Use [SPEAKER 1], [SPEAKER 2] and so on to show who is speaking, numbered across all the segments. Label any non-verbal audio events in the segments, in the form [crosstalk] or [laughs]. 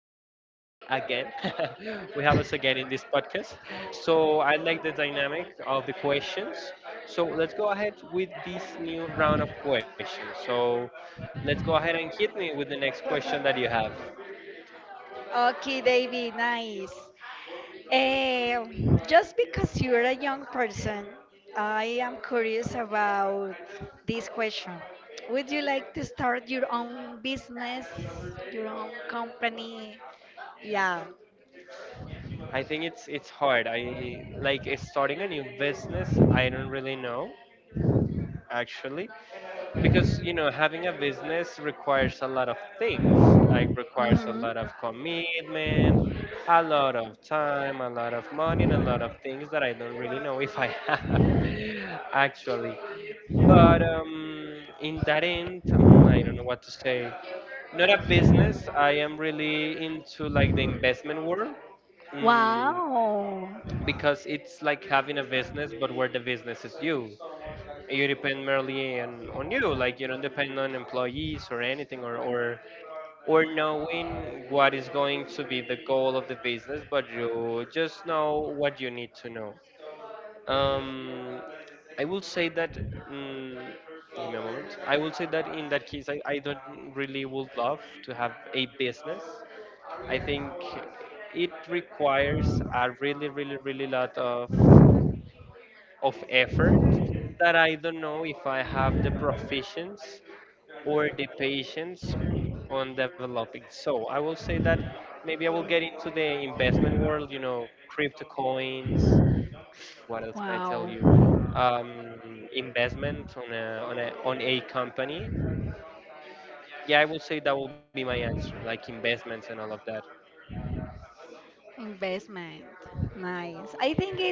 [SPEAKER 1] again. [laughs] We have us again in this podcast. So I like the dynamic of the questions. So let's go ahead with this new round of questions. So let's go ahead and hit me with the next question that you have.
[SPEAKER 2] Okay, David, nice. Just because you're a young person, I am curious about this question. Would you like to start your own business, your own company? Yeah.
[SPEAKER 1] I think it's hard. I like starting a new business. I don't really know actually. Because you know having a business requires a lot of things, like requires a
[SPEAKER 2] Mm-hmm.
[SPEAKER 1] lot of commitment, a lot of time, a lot of money, and a lot of things that I don't really know [laughs] if I have [laughs] actually. But in that end, I don't know what to say. Not a business. I am really into like the investment world. mm,
[SPEAKER 2] Wow.
[SPEAKER 1] because it's like having a business, but where the business is you. You depend merely on you. Like, you don't depend on employees or anything, or knowing what is going to be the goal of the business, but you just know what you need to know. um, I will say that mm Give me a moment. I will say that in that case, I don't really would love to have a business. I think it requires a really, really, really lot of effort that I don't know if I have the proficiency or the patience on developing. So I will say that maybe I will get into the investment world, crypto coins. What else can I tell you?
[SPEAKER 2] Wow.
[SPEAKER 1] Investment on a company. Yeah, I will say that will be my answer, like investments and all of that.
[SPEAKER 2] Investment. Nice. I think it is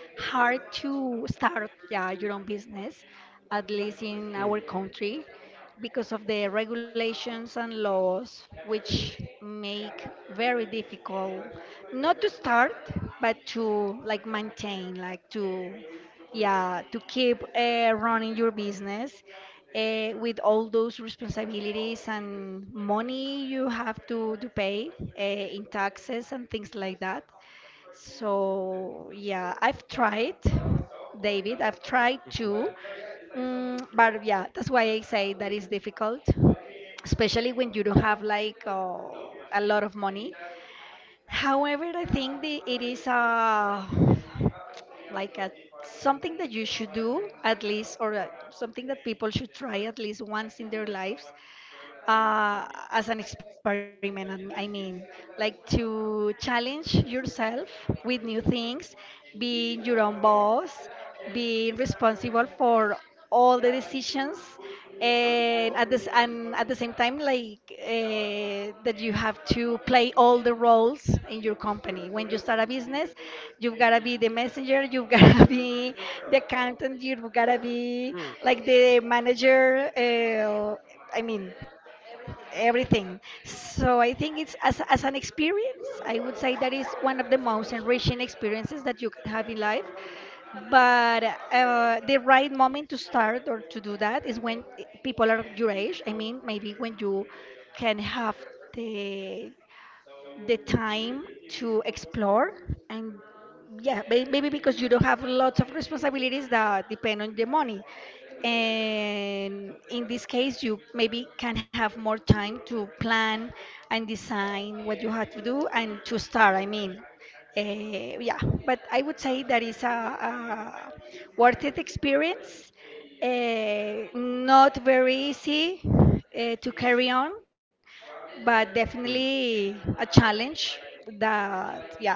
[SPEAKER 2] hard to start, yeah, your own business, at least
[SPEAKER 1] Mm.
[SPEAKER 2] in our country, because of the regulations and laws which make very difficult not to start, but to like maintain, like to, yeah, to keep running your business with all those responsibilities and money you have to pay in taxes and things like that. So yeah, I've tried. David, I've tried too.
[SPEAKER 1] Mhm.
[SPEAKER 2] But yeah, that's why I say that is difficult, especially when you don't have like a lot of money. However, I think it is a, like a, something that you should do at least, or a, something that people should try at least once in their lives, uh, as an experiment. I mean, like to challenge yourself with new things, being your own boss, being responsible for all the decisions, and at this and at the same time, like that you have to play all the roles in your company. When you start a business, you've gotta be the messenger, you've [laughs] gotta be the accountant, you've gotta be
[SPEAKER 1] Mm.
[SPEAKER 2] like the manager. I mean, everything. So I think it's, as an experience, I would say that is one of the most enriching experiences that you can have in life. But the right moment to start or to do that is when people are your age. I mean, maybe when you can have the the time to explore and yeah, maybe because you don't have lots of responsibilities that depend on the money, and in this case you maybe can have more time to plan and design what you have to do and to start. I mean, yeah, but I would say that is a worth it experience, not very easy to carry on, but
[SPEAKER 1] Mm.
[SPEAKER 2] definitely a challenge that, yeah,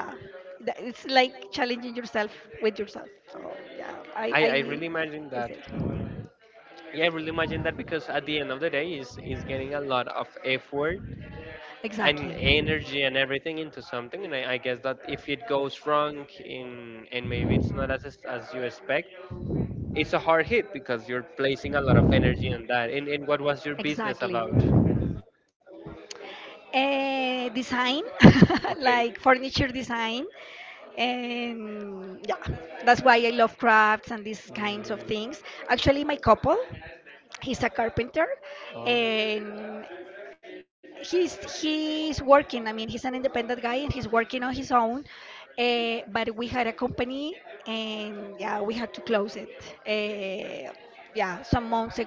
[SPEAKER 2] that it's like challenging yourself with yourself. So yeah,
[SPEAKER 1] I, I really imagine
[SPEAKER 2] I
[SPEAKER 1] that.
[SPEAKER 2] say.
[SPEAKER 1] Yeah, I really imagine that because at the end of the day, is getting a lot of effort and
[SPEAKER 2] Exactly.
[SPEAKER 1] energy and everything into something. And I guess that if it goes wrong in and maybe it's not as you expect, it's a hard hit because you're placing a lot of energy on that. And what was your business
[SPEAKER 2] Exactly.
[SPEAKER 1] about?
[SPEAKER 2] Design, [laughs]
[SPEAKER 1] Okay.
[SPEAKER 2] like furniture design. And yeah, that's why I love crafts and these
[SPEAKER 1] Mm.
[SPEAKER 2] kinds of things. Actually, my couple, he's a carpenter,
[SPEAKER 1] Oh.
[SPEAKER 2] and he's working. I mean, he's an independent guy and he's working on his own, but we had a company, and yeah, we had to close it, uh, yeah, some months ago,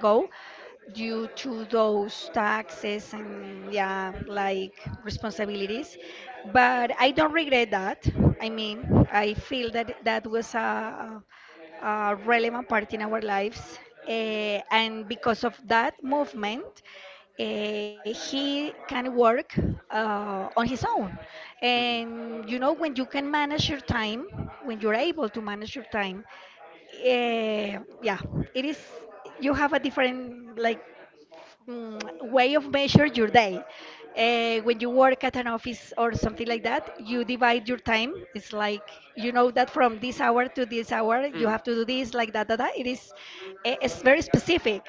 [SPEAKER 2] due to those taxes and yeah, like responsibilities. But I don't regret that. I mean, I feel that that was a relevant part in our lives. And because of that movement, he can work on his own.
[SPEAKER 1] Hmm.
[SPEAKER 2] And you know, when you can manage your time, when you're able to manage your time, yeah, it is. You have a different like, way of measure your day. When you work at an office or something like that, you divide your time. It's like, you know that from this hour to this hour,
[SPEAKER 1] Hmm.
[SPEAKER 2] you have to do this, like that, that, that. It is, it's very specific.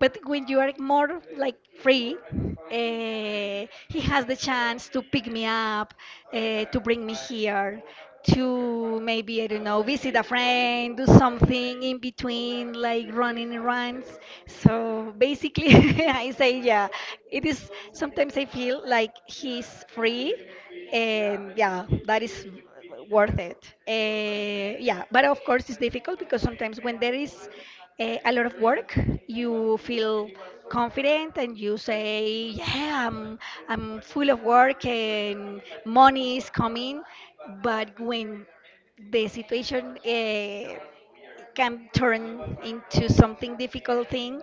[SPEAKER 2] But when you are more like free, he has the chance to pick me up, to bring me here, to maybe I don't know, visit a friend, do something in between like running runs. So basically, [laughs] I say yeah, it is. Sometimes I feel like he's free, and yeah, that is worth it. Yeah, but of course it's difficult because sometimes when there is a lot of work. You feel confident and you say, "Yeah, I'm full of work and money is coming." But when the situation can turn into something difficult thing,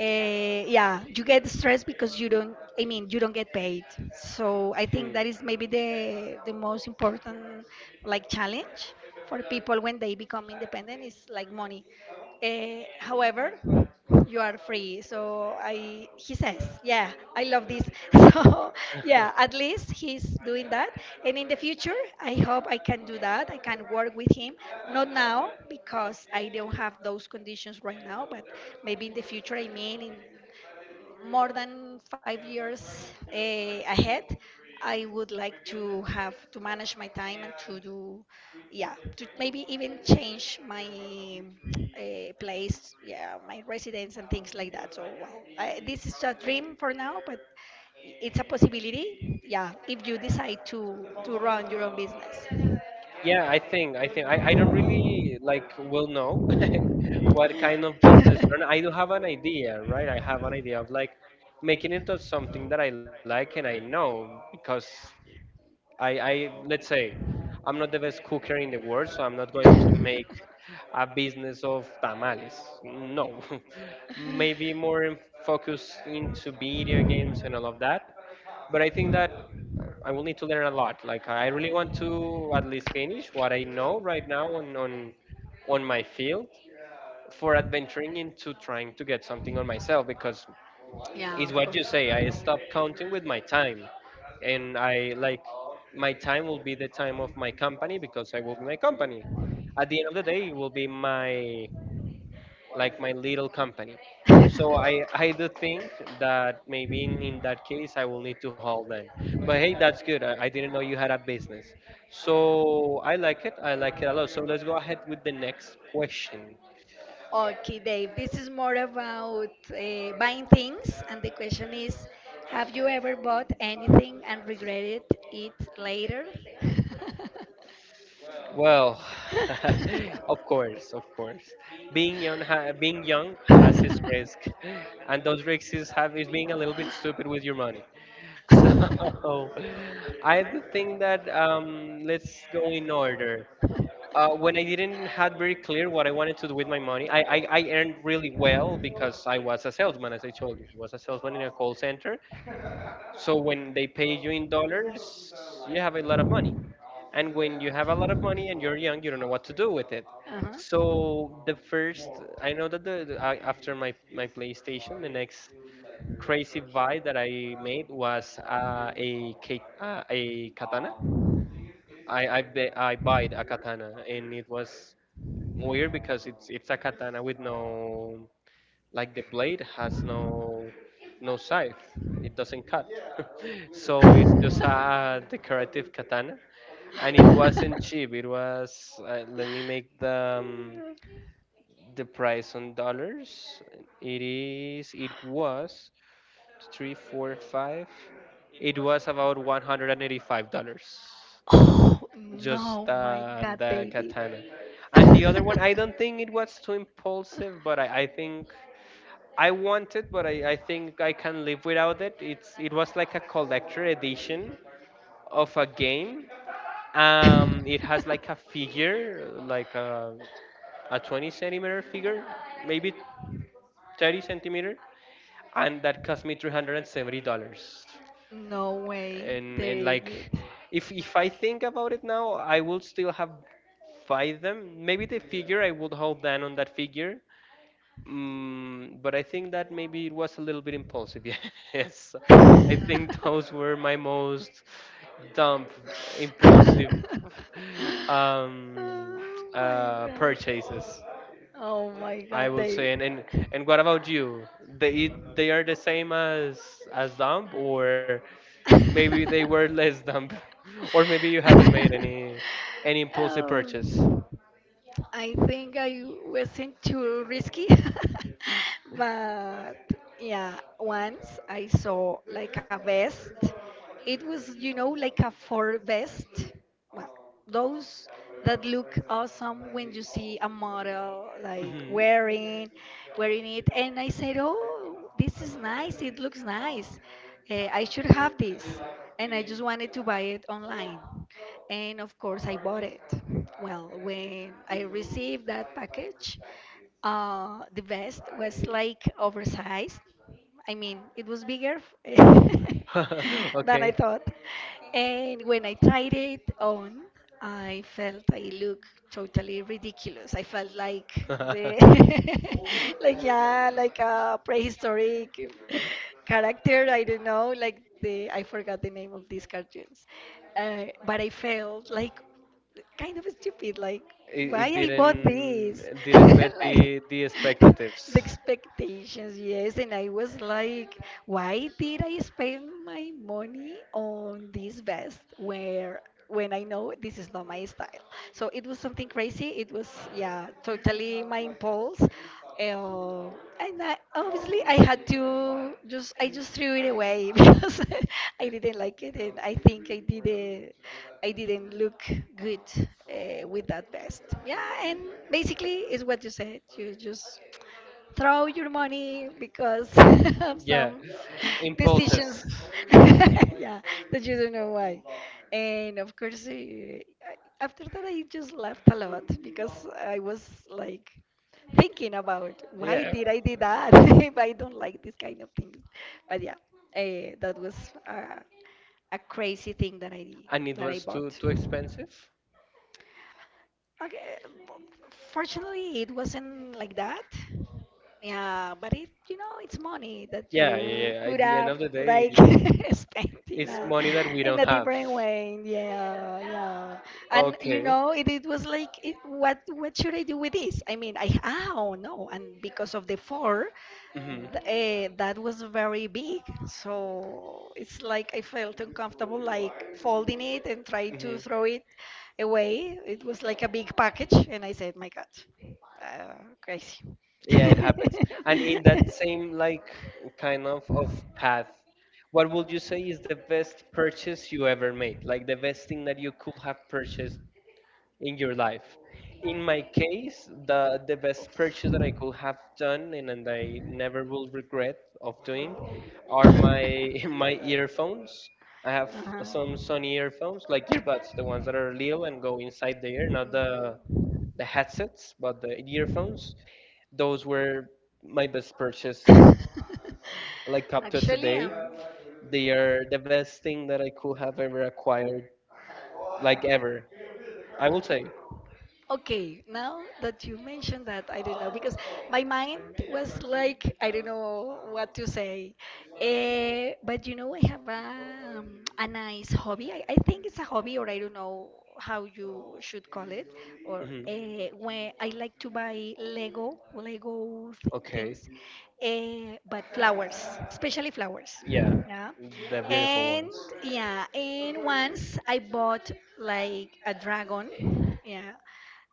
[SPEAKER 2] uh, yeah, you get stressed because you don't, I mean you don't get paid. So I think that is maybe the most important like challenge for people when they become independent, is like money. However, you are free. So I, he says yeah, I love this. [laughs] So
[SPEAKER 1] Hmm.
[SPEAKER 2] yeah, at
[SPEAKER 1] [laughs]
[SPEAKER 2] least he's doing that, and in the future I hope I can do that, I can work with him. Not now, because I don't have those conditions right now, but maybe in the future. I mean, in more than 5 years ahead, I would like to have to manage my time and to do, yeah, to maybe even change my place, yeah, my residence and things like that. So well, I, this is a dream for now, but it's a possibility, yeah, if you decide to run your own business.
[SPEAKER 1] Yeah, I think I don't really like will know [laughs] what kind of business run. I do have an idea, right? I have an idea of like making it of something that I like and I know because I let's say I'm not the best cooker in the world, so I'm not going to make a business of tamales. No, [laughs] maybe more in focus into video games and all of that. But I think that I will need to learn a lot. Like I really want to at least finish what I know right now on my field for adventuring into trying to get something on myself because it's
[SPEAKER 2] Yeah, of
[SPEAKER 1] what you
[SPEAKER 2] course.
[SPEAKER 1] say. I stop counting with my time, and I like my time will be the time of my company because I will be my company. At the end of the day, it will be my like my little company. So I do think that maybe in that case I will need to hold them. But hey, that's good. I didn't know you had a business. So I like
[SPEAKER 2] [laughs]
[SPEAKER 1] it. I like it a lot. So let's go ahead with the next question.
[SPEAKER 2] Okay, Dave, this is more about buying things, and the question is, have you ever bought anything and regretted it later?
[SPEAKER 1] Well, [sighs] [laughs] of course, of course. Being young has its risk, and those risks have is being a little bit stupid with your money. [laughs] So, I do think that let's go in order. When I didn't had very clear what I wanted to do with my money, I earned really well because I was a salesman, as I told you. I was a salesman in a call center.
[SPEAKER 2] [laughs]
[SPEAKER 1] So when they pay you in dollars, you have a lot of money. And when you have a lot of money and you're young, you don't know what to do with it.
[SPEAKER 2] Uh
[SPEAKER 1] So
[SPEAKER 2] huh. [laughs]
[SPEAKER 1] the first, I know that, after my PlayStation, the next crazy buy that I made was a katana. I bought a katana, and it was weird because it's a katana with no, like, the blade has no scythe. It doesn't cut. [laughs] So it's just a decorative katana, and it wasn't cheap. It was let me make the price on dollars. It was 3, 4, 5. It was about $185.
[SPEAKER 2] Oh
[SPEAKER 1] Just
[SPEAKER 2] no, my God,
[SPEAKER 1] the
[SPEAKER 2] baby.
[SPEAKER 1] katana. And the
[SPEAKER 2] [laughs]
[SPEAKER 1] other one, I don't think it was too impulsive, but I think. I want it, but I think I can live without it. It was like a collector edition of a game. It has like a figure, like a 20 centimeter figure, maybe 30 centimeter, and that cost me $370. And $70.
[SPEAKER 2] No way,
[SPEAKER 1] And like,
[SPEAKER 2] David. [laughs]
[SPEAKER 1] if I think about it now, I will still have buy them. Maybe the figure I would hold down on that figure. But I think that maybe it was a little bit impulsive. [laughs] Yes, I
[SPEAKER 2] Oh
[SPEAKER 1] think those were my most dumb, impulsive, um,
[SPEAKER 2] my god.
[SPEAKER 1] purchases,
[SPEAKER 2] Oh my god,
[SPEAKER 1] I would say. And,
[SPEAKER 2] David.
[SPEAKER 1] and
[SPEAKER 2] [laughs]
[SPEAKER 1] and what about you? They they are the same as dumb, or
[SPEAKER 2] [laughs] um,
[SPEAKER 1] maybe they were less dumb, [laughs] or maybe you haven't made any impulsive purchase.
[SPEAKER 2] I think I wasn't too risky, [laughs] but yeah, once I saw like a vest. It was, you know, like a fur vest. Well, those that look awesome when you see a model like
[SPEAKER 1] Mhm.
[SPEAKER 2] wearing it, and I said, oh, this is nice, it looks nice. I should have this. And I just wanted to buy it online, and of course I bought it. Well, when I received that package, the vest was like oversized. I mean, it was bigger [laughs]
[SPEAKER 1] [laughs]
[SPEAKER 2] than I
[SPEAKER 1] Okay.
[SPEAKER 2] thought. And when I tried it on, I felt I looked totally ridiculous. I felt
[SPEAKER 1] [laughs]
[SPEAKER 2] like the,
[SPEAKER 1] it,
[SPEAKER 2] [laughs] like yeah, like a prehistoric character. I don't know, like the, I forgot the name of these cartoons, but I felt like kind of stupid. Like, why
[SPEAKER 1] it
[SPEAKER 2] I bought
[SPEAKER 1] didn't
[SPEAKER 2] this?
[SPEAKER 1] it
[SPEAKER 2] [laughs]
[SPEAKER 1] didn't meet
[SPEAKER 2] Like,
[SPEAKER 1] the
[SPEAKER 2] [laughs] the
[SPEAKER 1] expectatives.
[SPEAKER 2] expectations, yes. And I was like, why did I spend my money on this vest where when I know this is not my style? So it was something crazy. It was, yeah, totally my impulse. Uh, and I, obviously, I had to just, I just threw it away [laughs] because I didn't like it, and I think I did not, I didn't look good with that vest. Yeah, and basically, it's what you said. You just throw your money because [laughs] of
[SPEAKER 1] Yeah,
[SPEAKER 2] some
[SPEAKER 1] impulses.
[SPEAKER 2] decisions [laughs] yeah, that you don't know why. And of course after that I just laughed a lot because I was like thinking about why
[SPEAKER 1] Yeah,
[SPEAKER 2] did I do that, [laughs] if I don't like this kind of things. But yeah, that was uh, a crazy thing that I
[SPEAKER 1] and it
[SPEAKER 2] that I
[SPEAKER 1] was too
[SPEAKER 2] bought.
[SPEAKER 1] too expensive.
[SPEAKER 2] Okay, fortunately, it wasn't like that. Yeah, but it, you know, it's money that
[SPEAKER 1] Yeah,
[SPEAKER 2] you
[SPEAKER 1] yeah, yeah.
[SPEAKER 2] could
[SPEAKER 1] At the end
[SPEAKER 2] have
[SPEAKER 1] of the
[SPEAKER 2] like
[SPEAKER 1] day,
[SPEAKER 2] [laughs] spent in
[SPEAKER 1] it's
[SPEAKER 2] a,
[SPEAKER 1] money that we
[SPEAKER 2] in
[SPEAKER 1] don't
[SPEAKER 2] a
[SPEAKER 1] have.
[SPEAKER 2] different way. Yeah, yeah. And you
[SPEAKER 1] Okay.
[SPEAKER 2] know, it was like, it, what should I do with this? I mean, I, oh no, and because of the four,
[SPEAKER 1] Mhm.
[SPEAKER 2] that was very big. So it's like I felt uncomfortable, like folding it and trying
[SPEAKER 1] Mhm.
[SPEAKER 2] to throw it away. It was like a big package, and I said, my God, uh, crazy.
[SPEAKER 1] Yeah, it happens. And
[SPEAKER 2] [laughs]
[SPEAKER 1] in that same like kind of path, what would you say is the best purchase you ever made, like the best thing that you could have purchased in your life? In my case, the best purchase that I could have done, and I never will regret of doing, are my [laughs] my earphones. I have some Sony earphones, like earbuds, the ones that are little and go inside the ear, not the headsets, but the earphones. Those were my best purchase, like
[SPEAKER 2] [laughs]
[SPEAKER 1] up to
[SPEAKER 2] Actually,
[SPEAKER 1] today. They are the best thing that I could have ever acquired, like ever,
[SPEAKER 2] um,
[SPEAKER 1] I will say.
[SPEAKER 2] okay, now that you mentioned that, I don't know, because my mind was like, I don't know what to say. But you know, I have a nice hobby. I think it's a hobby, or I don't know how you should call it. Or
[SPEAKER 1] Hmm.
[SPEAKER 2] when I like to buy Lego, Lego th
[SPEAKER 1] Okay.
[SPEAKER 2] things, but flowers, especially flowers.
[SPEAKER 1] Yeah,
[SPEAKER 2] Yeah.
[SPEAKER 1] the beautiful
[SPEAKER 2] And
[SPEAKER 1] ones.
[SPEAKER 2] yeah, and once I bought like a dragon. Yeah,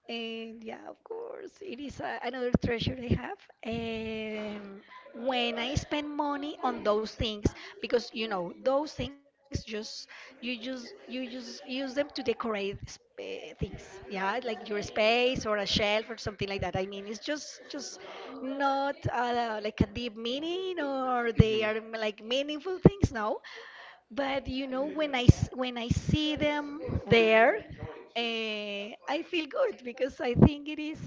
[SPEAKER 2] and yeah, of course, it is a, another treasure I have. Um, when I spend money on those things, because you know those things just, you just use them to decorate things. Yeah, like your space or a shelf or something like that. I mean, it's just not like a deep meaning, or
[SPEAKER 1] Hmm.
[SPEAKER 2] they are like meaningful things. No, but you know, when when I see them there, uh, I feel good because I think it is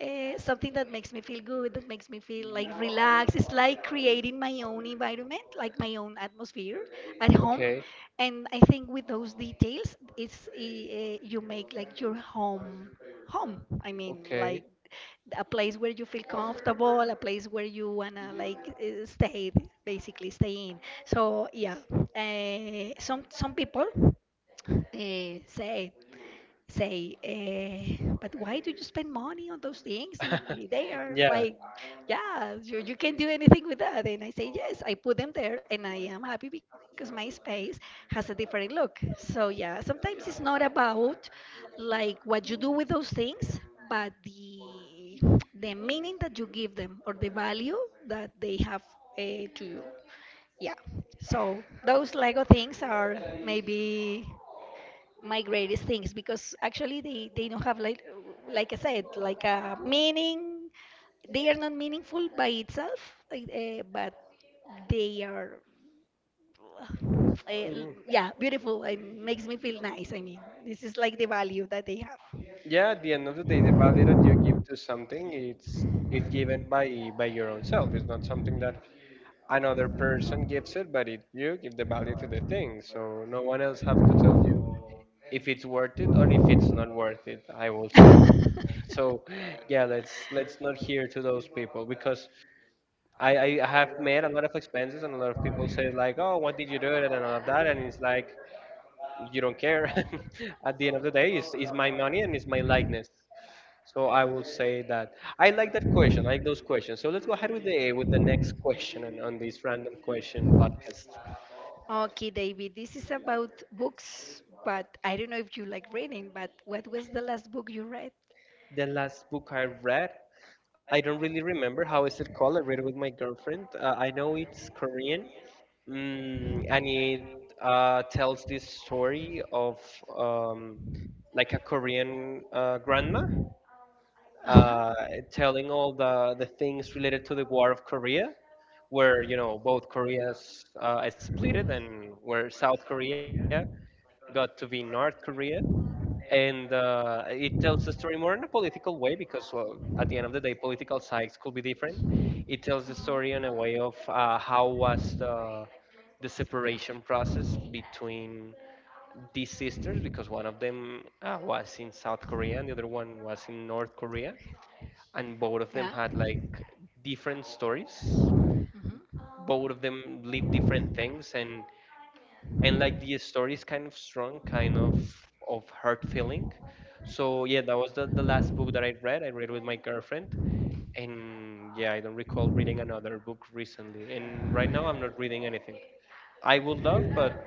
[SPEAKER 2] something that makes me feel good, that makes me feel like relaxed. It's like creating my own environment, like my own atmosphere at home.
[SPEAKER 1] Okay.
[SPEAKER 2] And I think with those details, it's you make like your home home. I mean,
[SPEAKER 1] Okay.
[SPEAKER 2] like a place where you feel comfortable, a place where you wanna like stay, basically stay in. So yeah, some people uh, say say, but why do you spend money on those things if they
[SPEAKER 1] [laughs]
[SPEAKER 2] are
[SPEAKER 1] Yeah.
[SPEAKER 2] like, yeah, you can do anything with that? And I say, yes, I put them there and I am happy because my space has a different look. So, yeah, sometimes it's not about like what you do with those things, but the meaning that you give them or the value that they have to you. Yeah. So those Lego things are maybe my greatest things because actually they don't have like like I said, a meaning. They are not meaningful by itself, uh, but they are uh,
[SPEAKER 1] Mhm.
[SPEAKER 2] yeah, beautiful and makes me feel nice. I mean, this is like the value that they have.
[SPEAKER 1] Yeah, at the end of the day, the value that you give to something, it's given by your own self. It's not something that another person gives it, but it, you give the value to the thing. So no one else have to tell you if it's worth it or if it's not worth it, I will say. So yeah, let's not hear to those people, because I have made a lot of expenses, and a lot of people say like, oh, what did you do and all of that, and it's like, you don't care. [laughs] At the end of the day, it's my money and it's my likeness. So I will say that I like that question. I like those questions. So let's go ahead with the next question and on this random question podcast.
[SPEAKER 2] Okay, David, this is about books, but I don't know if you like reading. But what was the last book you read?
[SPEAKER 1] The last book I read, I don't really remember how is it called. I read it with my girlfriend. I know it's Korean. And it tells this story of um, like a Korean grandma
[SPEAKER 2] Uh huh.
[SPEAKER 1] uh, telling all the things related to the War of Korea, where both Koreas split, and where South Korea got to be North Korea. And it tells the story more in a political way because, well, at the end of the day, political sides could be different. It tells the story in a way of how was the separation process between these sisters, because one of them was in South Korea and the other one was in North Korea, and both of
[SPEAKER 2] Yeah.
[SPEAKER 1] them had like different stories.
[SPEAKER 2] Hmm.
[SPEAKER 1] Both of them live different things, and like the story is kind of strong, kind of hurt feeling. So yeah, that was the last book that I read with my girlfriend. And yeah, I don't recall reading another book recently, and right now I'm not reading anything. I would love, but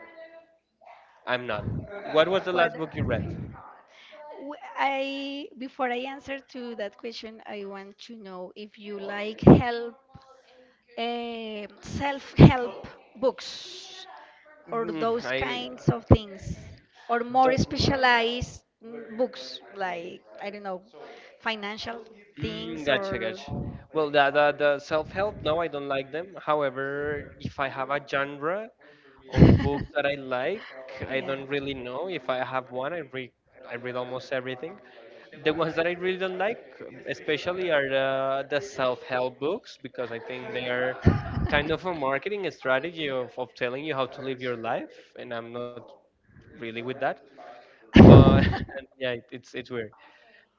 [SPEAKER 1] I'm not. What was the
[SPEAKER 2] What?
[SPEAKER 1] last book you read?
[SPEAKER 2] I, before I answer to that question, I want to know if you like help self-help books or
[SPEAKER 1] Mm,
[SPEAKER 2] those
[SPEAKER 1] I
[SPEAKER 2] kinds of things or more
[SPEAKER 1] don't.
[SPEAKER 2] specialized books like I don't know, financial
[SPEAKER 1] Mm,
[SPEAKER 2] things
[SPEAKER 1] gotcha,
[SPEAKER 2] or
[SPEAKER 1] gotcha. Well, the self-help, no, I don't like them. However, if I have a genre
[SPEAKER 2] [laughs]
[SPEAKER 1] of books that I like, I don't really know. If I have one, I read almost everything. The ones that I really don't like, especially, are the self-help books because I think
[SPEAKER 2] yeah.
[SPEAKER 1] they are kind of a marketing strategy of telling you how to live your life, and I'm not really with that. But [laughs] yeah, it's weird.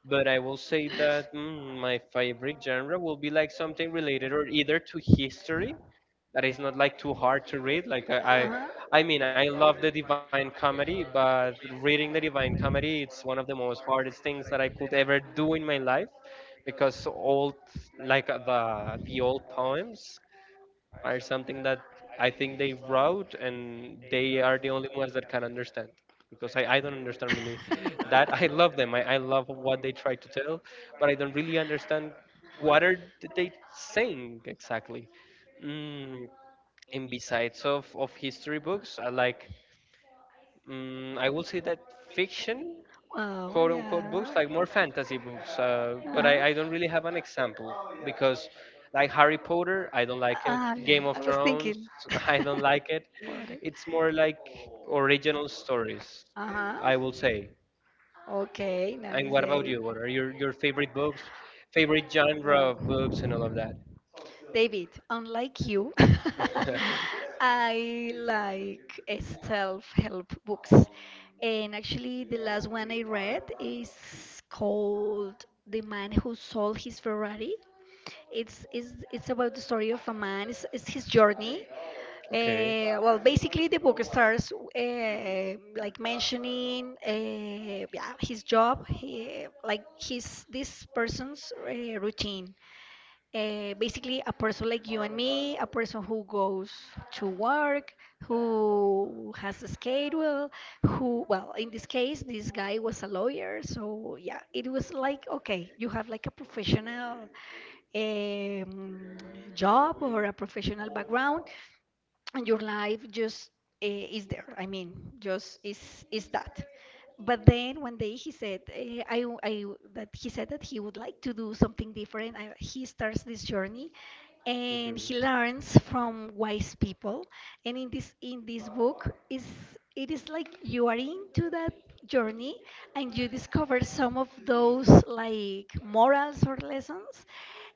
[SPEAKER 1] But I will say that my favorite genre will be like something related or either to history that is not like too hard to read. Like
[SPEAKER 2] Uh-huh.
[SPEAKER 1] I mean, I love the Divine Comedy, but reading the Divine Comedy, it's one of the most hardest things that I could ever do in my life because old, like the old poems, are something that I think they wrote and they are the only ones that can understand, because I don't understand really that I love them, I love what they try to tell, but I don't really understand what are they saying exactly. mm, and besides of history books I like, I will say that fiction
[SPEAKER 2] Wow,
[SPEAKER 1] quote unquote books,
[SPEAKER 2] yeah.
[SPEAKER 1] like more fantasy books. But
[SPEAKER 2] Uh-huh.
[SPEAKER 1] I don't really have an example because, like, Harry Potter, I don't like it.
[SPEAKER 2] Ah, yeah.
[SPEAKER 1] Game of
[SPEAKER 2] I was
[SPEAKER 1] Thrones,
[SPEAKER 2] thinking
[SPEAKER 1] [laughs] I don't like it.
[SPEAKER 2] [laughs] about it.
[SPEAKER 1] It's more like original stories,
[SPEAKER 2] Uh-huh.
[SPEAKER 1] I will say.
[SPEAKER 2] Okay,
[SPEAKER 1] And
[SPEAKER 2] nice
[SPEAKER 1] what about
[SPEAKER 2] day.
[SPEAKER 1] you? What are your favorite books, favorite genre
[SPEAKER 2] Well,
[SPEAKER 1] of books, and all of that?
[SPEAKER 2] David, unlike you, [laughs]
[SPEAKER 1] [laughs]
[SPEAKER 2] I like self-help books. And actually, the last one I read is called The Man Who Sold His Ferrari. It's about the story of a man, it's his journey.
[SPEAKER 1] Okay.
[SPEAKER 2] Well, basically, the book starts like mentioning yeah, his job, he, like his this person's routine. Basically, a person like you and me, a person who goes to work, who has a schedule, who, well, in this case, this guy was a lawyer. So, yeah, it was like, okay, you have like a professional um, job or a professional background, and your life just is there. I mean, just is that. But then one day he said, I w- that he said that he would like to do something different. I, he starts this journey, and he learns from wise people. And in this book is it is like you are into that journey and you discover some of those like morals or lessons.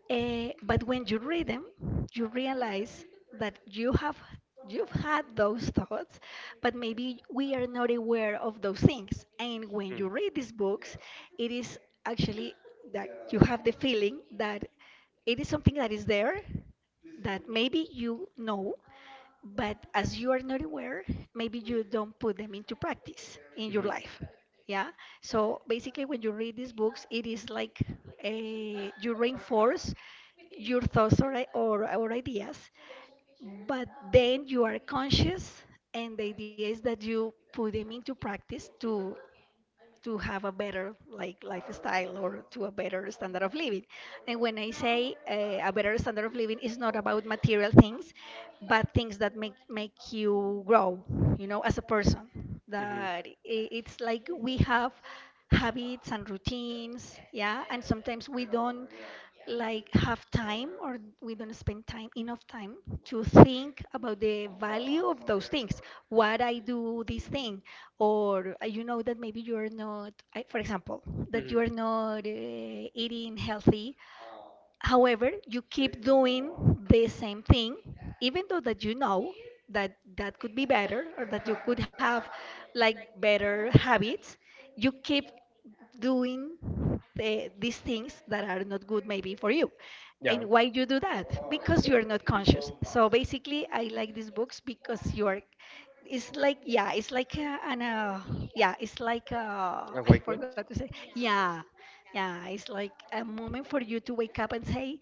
[SPEAKER 2] Eh, but when you read them, you realize that you've had those thoughts, but maybe we are not aware of those things. And when you read these books, it is actually that you have the feeling that it is something that is there, that maybe you know, but as you are not aware, maybe you don't put them into practice in your
[SPEAKER 1] Mm-hmm. Mm. Mm-hmm.
[SPEAKER 2] life. Yeah. So basically, when you read these books, it is like a, you reinforce your thoughts or, or ideas, but then you are conscious, and the idea is that you put them into practice to have a better like lifestyle or to a better standard of living. And when I say a better standard of living, it's not about material things, but things that make you grow, you know, as a person.
[SPEAKER 1] Mm-hmm.
[SPEAKER 2] It's like we have habits and routines, yeah, and sometimes we don't like have time or we don't spend time enough time to think about the value of those things, what I do this thing, or you know that maybe you're not, I, for example, that
[SPEAKER 1] Mm-hmm.
[SPEAKER 2] you are not eating healthy, however you keep doing the same thing, even though that you know that that could be better or that you could have like better habits, you keep doing these things that are not good maybe for you.
[SPEAKER 1] Yeah.
[SPEAKER 2] And why you do that? Because you are not conscious. So basically I like these books because you are, it's like yeah it's like a, an yeah it's like
[SPEAKER 1] A
[SPEAKER 2] [laughs] I
[SPEAKER 1] Wakeman?
[SPEAKER 2] forgot to say, yeah, yeah, it's like a moment for you to wake up and say,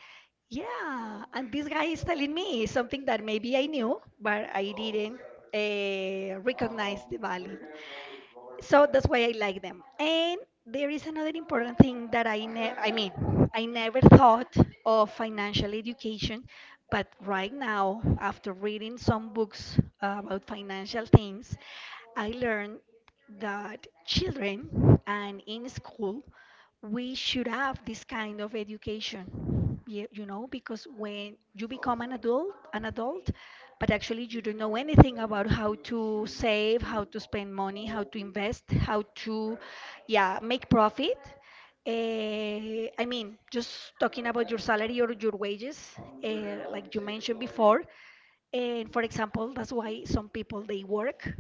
[SPEAKER 2] yeah, and this guy is telling me something that maybe I knew, but I didn't recognize the value. So that's why I like them. And there is another important thing that I mean, I never thought of financial education, but right now, after reading some books about financial things, I learned that children and in school we should have this kind of education, you know, because when you become an adult but actually you don't know anything about how to save, how to spend money, how to invest, how to yeah make profit, uh, I mean just talking about your salary or your wages, like you mentioned before. And for example, that's why some people they work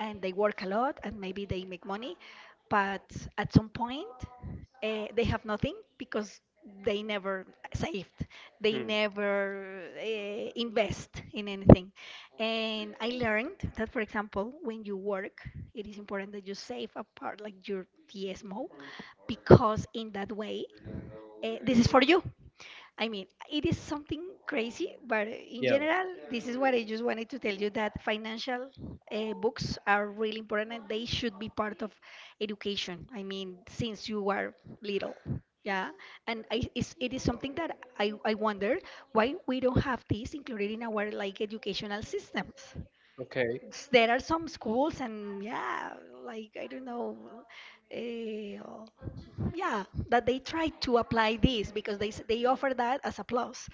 [SPEAKER 2] and they work a lot and maybe they make money, but at some point they have nothing because they never saved, they
[SPEAKER 1] Hmm.
[SPEAKER 2] never invest in anything. And I learned that, for example, when you work, it is important that you save a part like your TSMO because in that way, this is for you. I mean, it is something crazy, but in
[SPEAKER 1] Yeah.
[SPEAKER 2] general, this is what I just wanted to tell you, that financial books are really important and they should be part of education. I mean, since you are little. Yeah. And I, it's, it is something that I wonder, why we don't have this included in our like educational systems.
[SPEAKER 1] Okay.
[SPEAKER 2] There are some schools and yeah, like I don't know, uh, yeah, that they try to apply this because they offer that as a plus,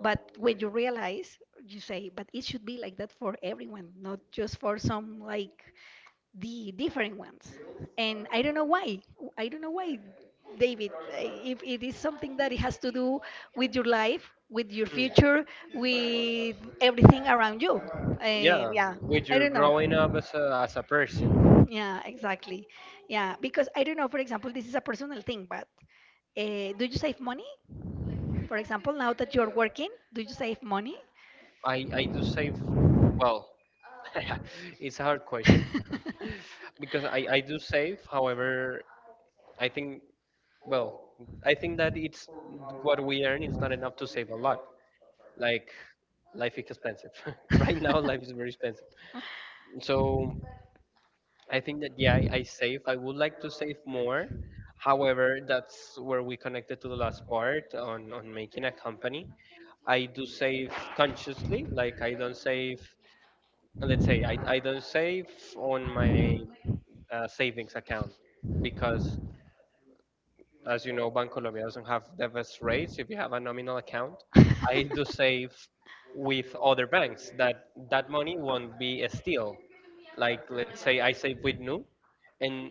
[SPEAKER 2] but when you realize, you say, but it should be like that for everyone, not just for some like the different ones. And I don't know why, I don't know why, David, if it is something that it has to do with your life, with your
[SPEAKER 1] Hmm.
[SPEAKER 2] future, with everything around you,
[SPEAKER 1] Yeah.
[SPEAKER 2] yeah,
[SPEAKER 1] With
[SPEAKER 2] I
[SPEAKER 1] your
[SPEAKER 2] don't know.
[SPEAKER 1] growing up as a person,
[SPEAKER 2] Yeah, exactly. Yeah, because I don't know, for example, this is a personal thing, but do you save money? For example, now that you're working, do you save money?
[SPEAKER 1] I do say, well, [laughs] it's a hard question [laughs] because I do save. However, I think, well, I think that it's, what we earn is not enough to save a lot. Like, life is expensive. [laughs] Right now, life is very expensive. So I think that yeah, I save. I would like to save more. However, that's where we connected to the last part on, making a company. I do save consciously, like I don't save, let's say I don't save on my savings account, because, as you know, Bancolombia doesn't have the best rates if you have a
[SPEAKER 2] [laughs]
[SPEAKER 1] nominal
[SPEAKER 2] [laughs]
[SPEAKER 1] account. I do save with other banks that that money won't be a steal. Like, let's say I save with Nu, and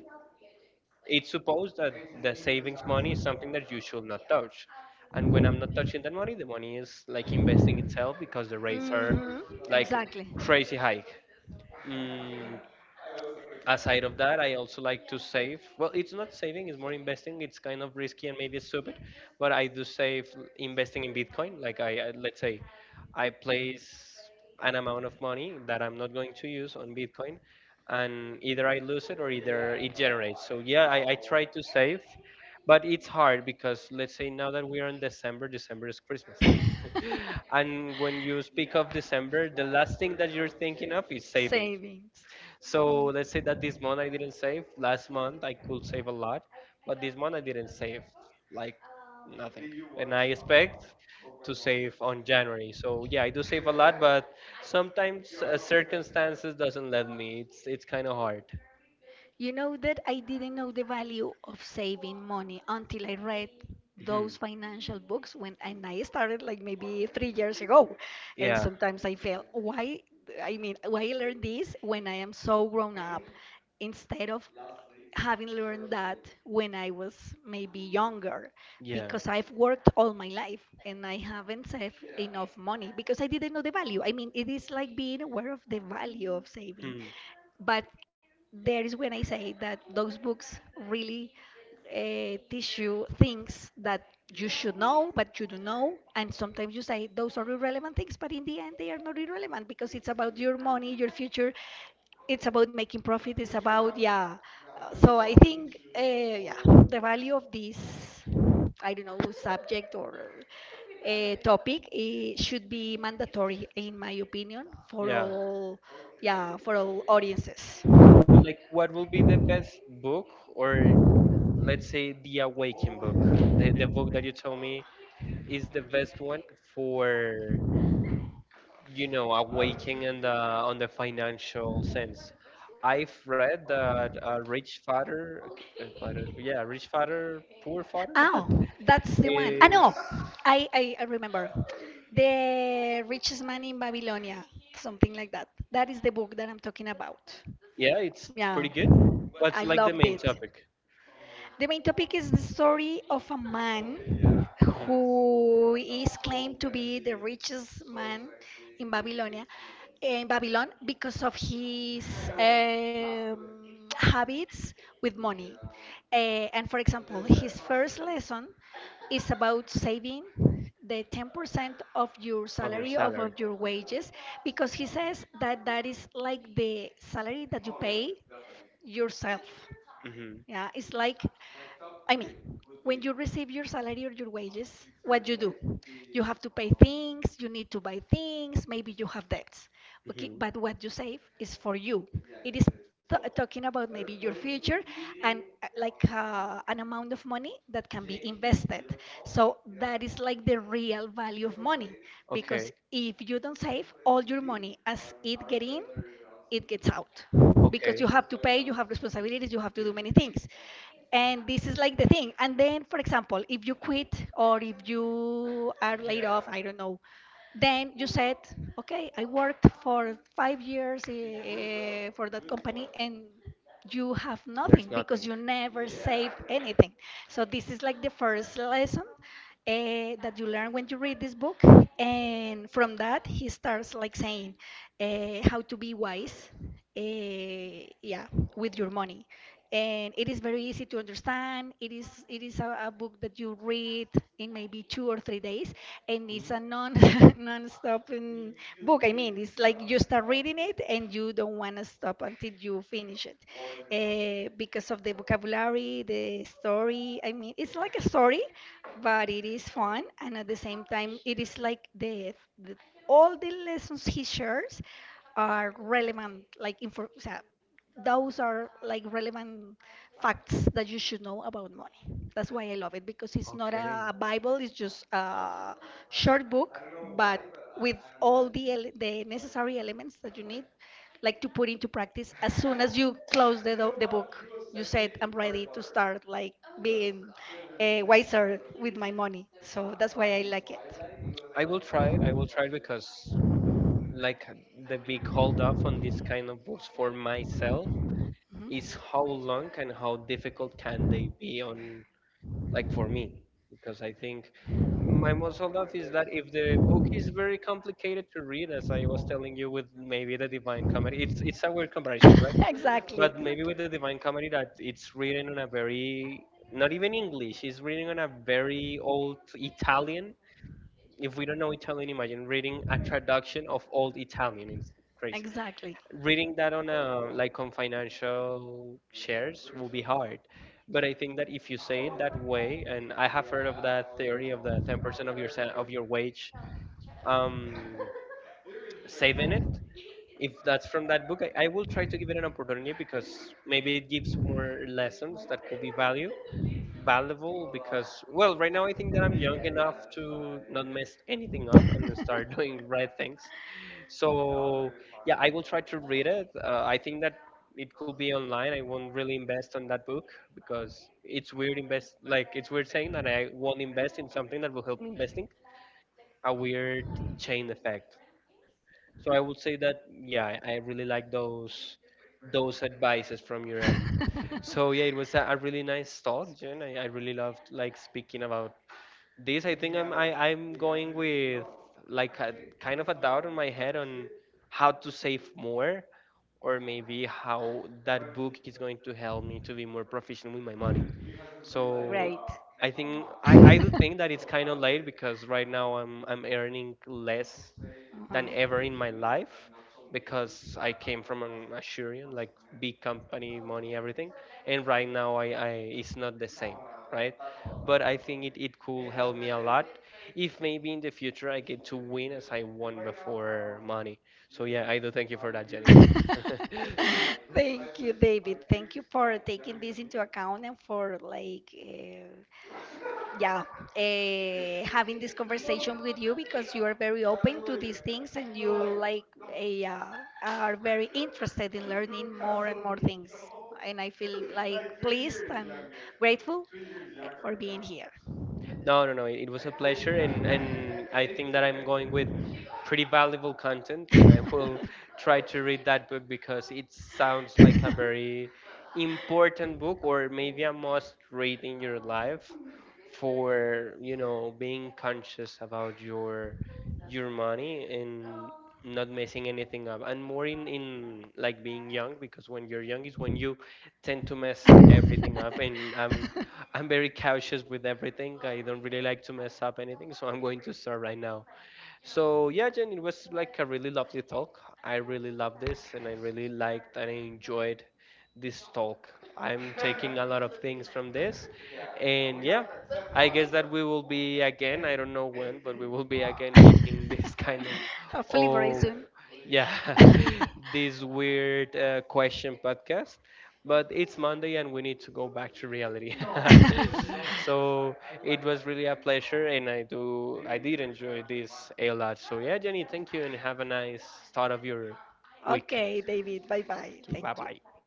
[SPEAKER 1] it's supposed that the savings money is something that you should not touch. And when I'm not touching that money, the money is like investing itself because the rates are
[SPEAKER 2] Hmm.
[SPEAKER 1] like
[SPEAKER 2] Exactly.
[SPEAKER 1] crazy high. Mm, Aside of that, I also like to save, well, it's not saving, it's more investing. It's kind of risky and maybe stupid, but I do save investing in bitcoin. Like, I, let's say I
[SPEAKER 2] [laughs]
[SPEAKER 1] place an amount of money that I'm not going to use on bitcoin, and either I lose it or either it generates. So yeah, I try to save, but it's hard because, let's say, now that we are in december. December is christmas time [gasps] and when you speak of december, the last thing that you're thinking of is saving.
[SPEAKER 2] Savings.
[SPEAKER 1] So let's say that this month I didn't save. Last month I could save a lot, but this month I didn't save like nothing. And I expect to save on January. So yeah, I do save a lot, but sometimes circumstances doesn't let me. It's kind of hard.
[SPEAKER 2] You know that I didn't know the value of saving money until I read those
[SPEAKER 1] Mhm.
[SPEAKER 2] financial books when and I started like maybe 3 years ago. And
[SPEAKER 1] Yeah,
[SPEAKER 2] sometimes I feel why, I mean why I learned this when I am so grown up instead of having learned that when I was maybe younger,
[SPEAKER 1] yeah.
[SPEAKER 2] because I've worked all my life and I haven't saved enough money because I didn't know the value. I mean it is like being aware of the value of saving,
[SPEAKER 1] Hmm.
[SPEAKER 2] but there is when I say that those books really teach you things that you should know, but you don't know. And sometimes you say those are irrelevant things, but in the end, they are not irrelevant because it's about your money, your future. It's about making profit. It's about, yeah. So I think, yeah, the value of this, I don't know, subject or topic, it should be mandatory, in my opinion, for
[SPEAKER 1] Yeah.
[SPEAKER 2] all, yeah, for all audiences.
[SPEAKER 1] But like, what will be the best book, or let's say the awakening book, the book that you told me is the best one for. You know, awaken in the on the financial sense. I've read that, a rich father, father, yeah, rich father, poor father. [laughs]
[SPEAKER 2] Oh, that's the one. Ah,
[SPEAKER 1] Is,
[SPEAKER 2] no, I remember. The Richest Man in Babylonia, something like that. That is the book that I'm talking about.
[SPEAKER 1] yeah, it's pretty
[SPEAKER 2] Yeah,
[SPEAKER 1] good. What's
[SPEAKER 2] I
[SPEAKER 1] like the
[SPEAKER 2] loved
[SPEAKER 1] main
[SPEAKER 2] it.
[SPEAKER 1] topic?
[SPEAKER 2] The main topic is the story of a man
[SPEAKER 1] Mhm.
[SPEAKER 2] who is claimed to be the richest man in Babylonia, in Babylon, because of his um, habits with money. And for example, his first lesson is about saving the 10% of your
[SPEAKER 1] Of your
[SPEAKER 2] salary,
[SPEAKER 1] salary?
[SPEAKER 2] of your wages, because he says that that is like the salary that you pay yourself.
[SPEAKER 1] Hmm.
[SPEAKER 2] Yeah, it's like, I mean, when you receive your salary or your wages, what you do? You have to pay things, you need to buy things, maybe you have debts. Okay,
[SPEAKER 1] Hmm.
[SPEAKER 2] but what you save is for you. It is talking about maybe your future and an amount of money that can be invested. So that is like the real value of money, because
[SPEAKER 1] Okay,
[SPEAKER 2] if you don't save all your money as it get in, it gets out, because
[SPEAKER 1] okay,
[SPEAKER 2] you have to pay, you have responsibilities, you have to do many things. And this is like the thing. And then, for example, if you quit or if you are laid off, I don't know, then you said, okay, I worked for 5 years for that company and you have
[SPEAKER 1] there's
[SPEAKER 2] nothing because
[SPEAKER 1] nothing.
[SPEAKER 2] you never saved anything. So this is like the first lesson, that you learn when you read this book, and from that he starts like saying, how to be wise, yeah, with your money. And it is very easy to understand. It is a book that you read in maybe 2 or 3 days, and it's
[SPEAKER 1] Mm.
[SPEAKER 2] a non [laughs] non-stop book. I mean, it's like you start reading it and you don't want to stop until you finish it, because of the vocabulary, the story. I mean, it's like a story, but it is fun, and at the same time, it is like the all the lessons he shares are relevant, like info. O sea, those are like relevant facts that you should know about money. That's why I love it, because it's not
[SPEAKER 1] Okay.
[SPEAKER 2] a Bible; it's just a short book, but with all the the necessary elements that you need like to put into practice as soon as you close the book. You said, I'm ready to start like being wiser with my money, so that's why I like it.
[SPEAKER 1] I will try it. I will try it, because, like, the big hold up on these kind of books for myself
[SPEAKER 2] Mhm.
[SPEAKER 1] is how long and how difficult can they be on, like, for me, because I think my most hold up is that if the book is very complicated to read, as I was telling you, with maybe the Divine Comedy, it's a weird comparison, right?
[SPEAKER 2] [laughs] Exactly,
[SPEAKER 1] But maybe
[SPEAKER 2] exactly.
[SPEAKER 1] with the Divine Comedy that it's written on a very, not even English, it's written on a very old Italian. If we don't know Italian, imagine reading a traduction of old Italian. It's crazy.
[SPEAKER 2] Exactly.
[SPEAKER 1] Reading that on a, like, on financial shares will be hard. But I think that if you say it that way, and I have heard of that theory of the 10% of your of your wage, um, saving it. If that's from that book, I will try to give it an opportunity because maybe it gives more lessons that could be value valuable, because, well, right now I think that I'm young enough to not mess anything up and start [laughs] doing right things. So yeah, I will try to read it. I think that it could be online. I won't really invest on that book, because it's weird invest, like, it's weird saying that I won't invest in something that will help me investing. A weird chain effect. So I would say that yeah, I really like those advices from your end. So yeah, it was a really nice talk, Jen. I really loved like speaking about this. I think I'm going with, like, kind of a doubt in my head on how to save more, or maybe how that book is going to help me to be more proficient with my money.
[SPEAKER 2] [laughs]
[SPEAKER 1] So
[SPEAKER 2] Great.
[SPEAKER 1] I think I do think
[SPEAKER 2] [laughs]
[SPEAKER 1] that it's kind of late because right now I'm earning less than ever in my life, because I came from an Assyrian, like, big company, money, everything, and right now, I it's not the same, right? But I think it could help me a lot if maybe in the future I get to win as I won before, money. So yeah, I do thank you for that, Jenny. [laughs]
[SPEAKER 2] [laughs] Thank you, David. Thank you for taking this into account and for like yeah, having this conversation with you, because you are very open to these things and you like eh, uh, are very interested in learning more and more things, and I feel like pleased and grateful, for being here.
[SPEAKER 1] No, no, no, it was a pleasure, and I think that I'm going with pretty valuable content, and I will [laughs] try to read that book because it sounds like a very important book, or maybe a must read in your life for being conscious about your money and not messing anything up, and more in, like, being young, because when you're young is when you tend to mess everything up, and i'm
[SPEAKER 2] [laughs] [laughs]
[SPEAKER 1] i'm very cautious with everything. I don't really like to mess up anything, so I'm going to start right now. So yeah, Jen, it was like a really lovely talk. I really love this, and I really liked and I enjoyed this talk. I'm taking a lot of things from this, and yeah, I guess that we will be again. I don't know when, but we will be again making [laughs]
[SPEAKER 2] [laughs]
[SPEAKER 1] this kind of,
[SPEAKER 2] Hopefully very
[SPEAKER 1] oh,
[SPEAKER 2] soon.
[SPEAKER 1] yeah,
[SPEAKER 2] [laughs]
[SPEAKER 1] [laughs] this weird question podcast, but it's Monday and we need to go back to reality. [laughs] So it was really a pleasure, and I did enjoy this a lot. So yeah, Jenny, thank you, and have a nice start of your week.
[SPEAKER 2] Okay, David. Bye bye.
[SPEAKER 1] Okay,
[SPEAKER 2] Thank
[SPEAKER 1] bye
[SPEAKER 2] you.
[SPEAKER 1] bye.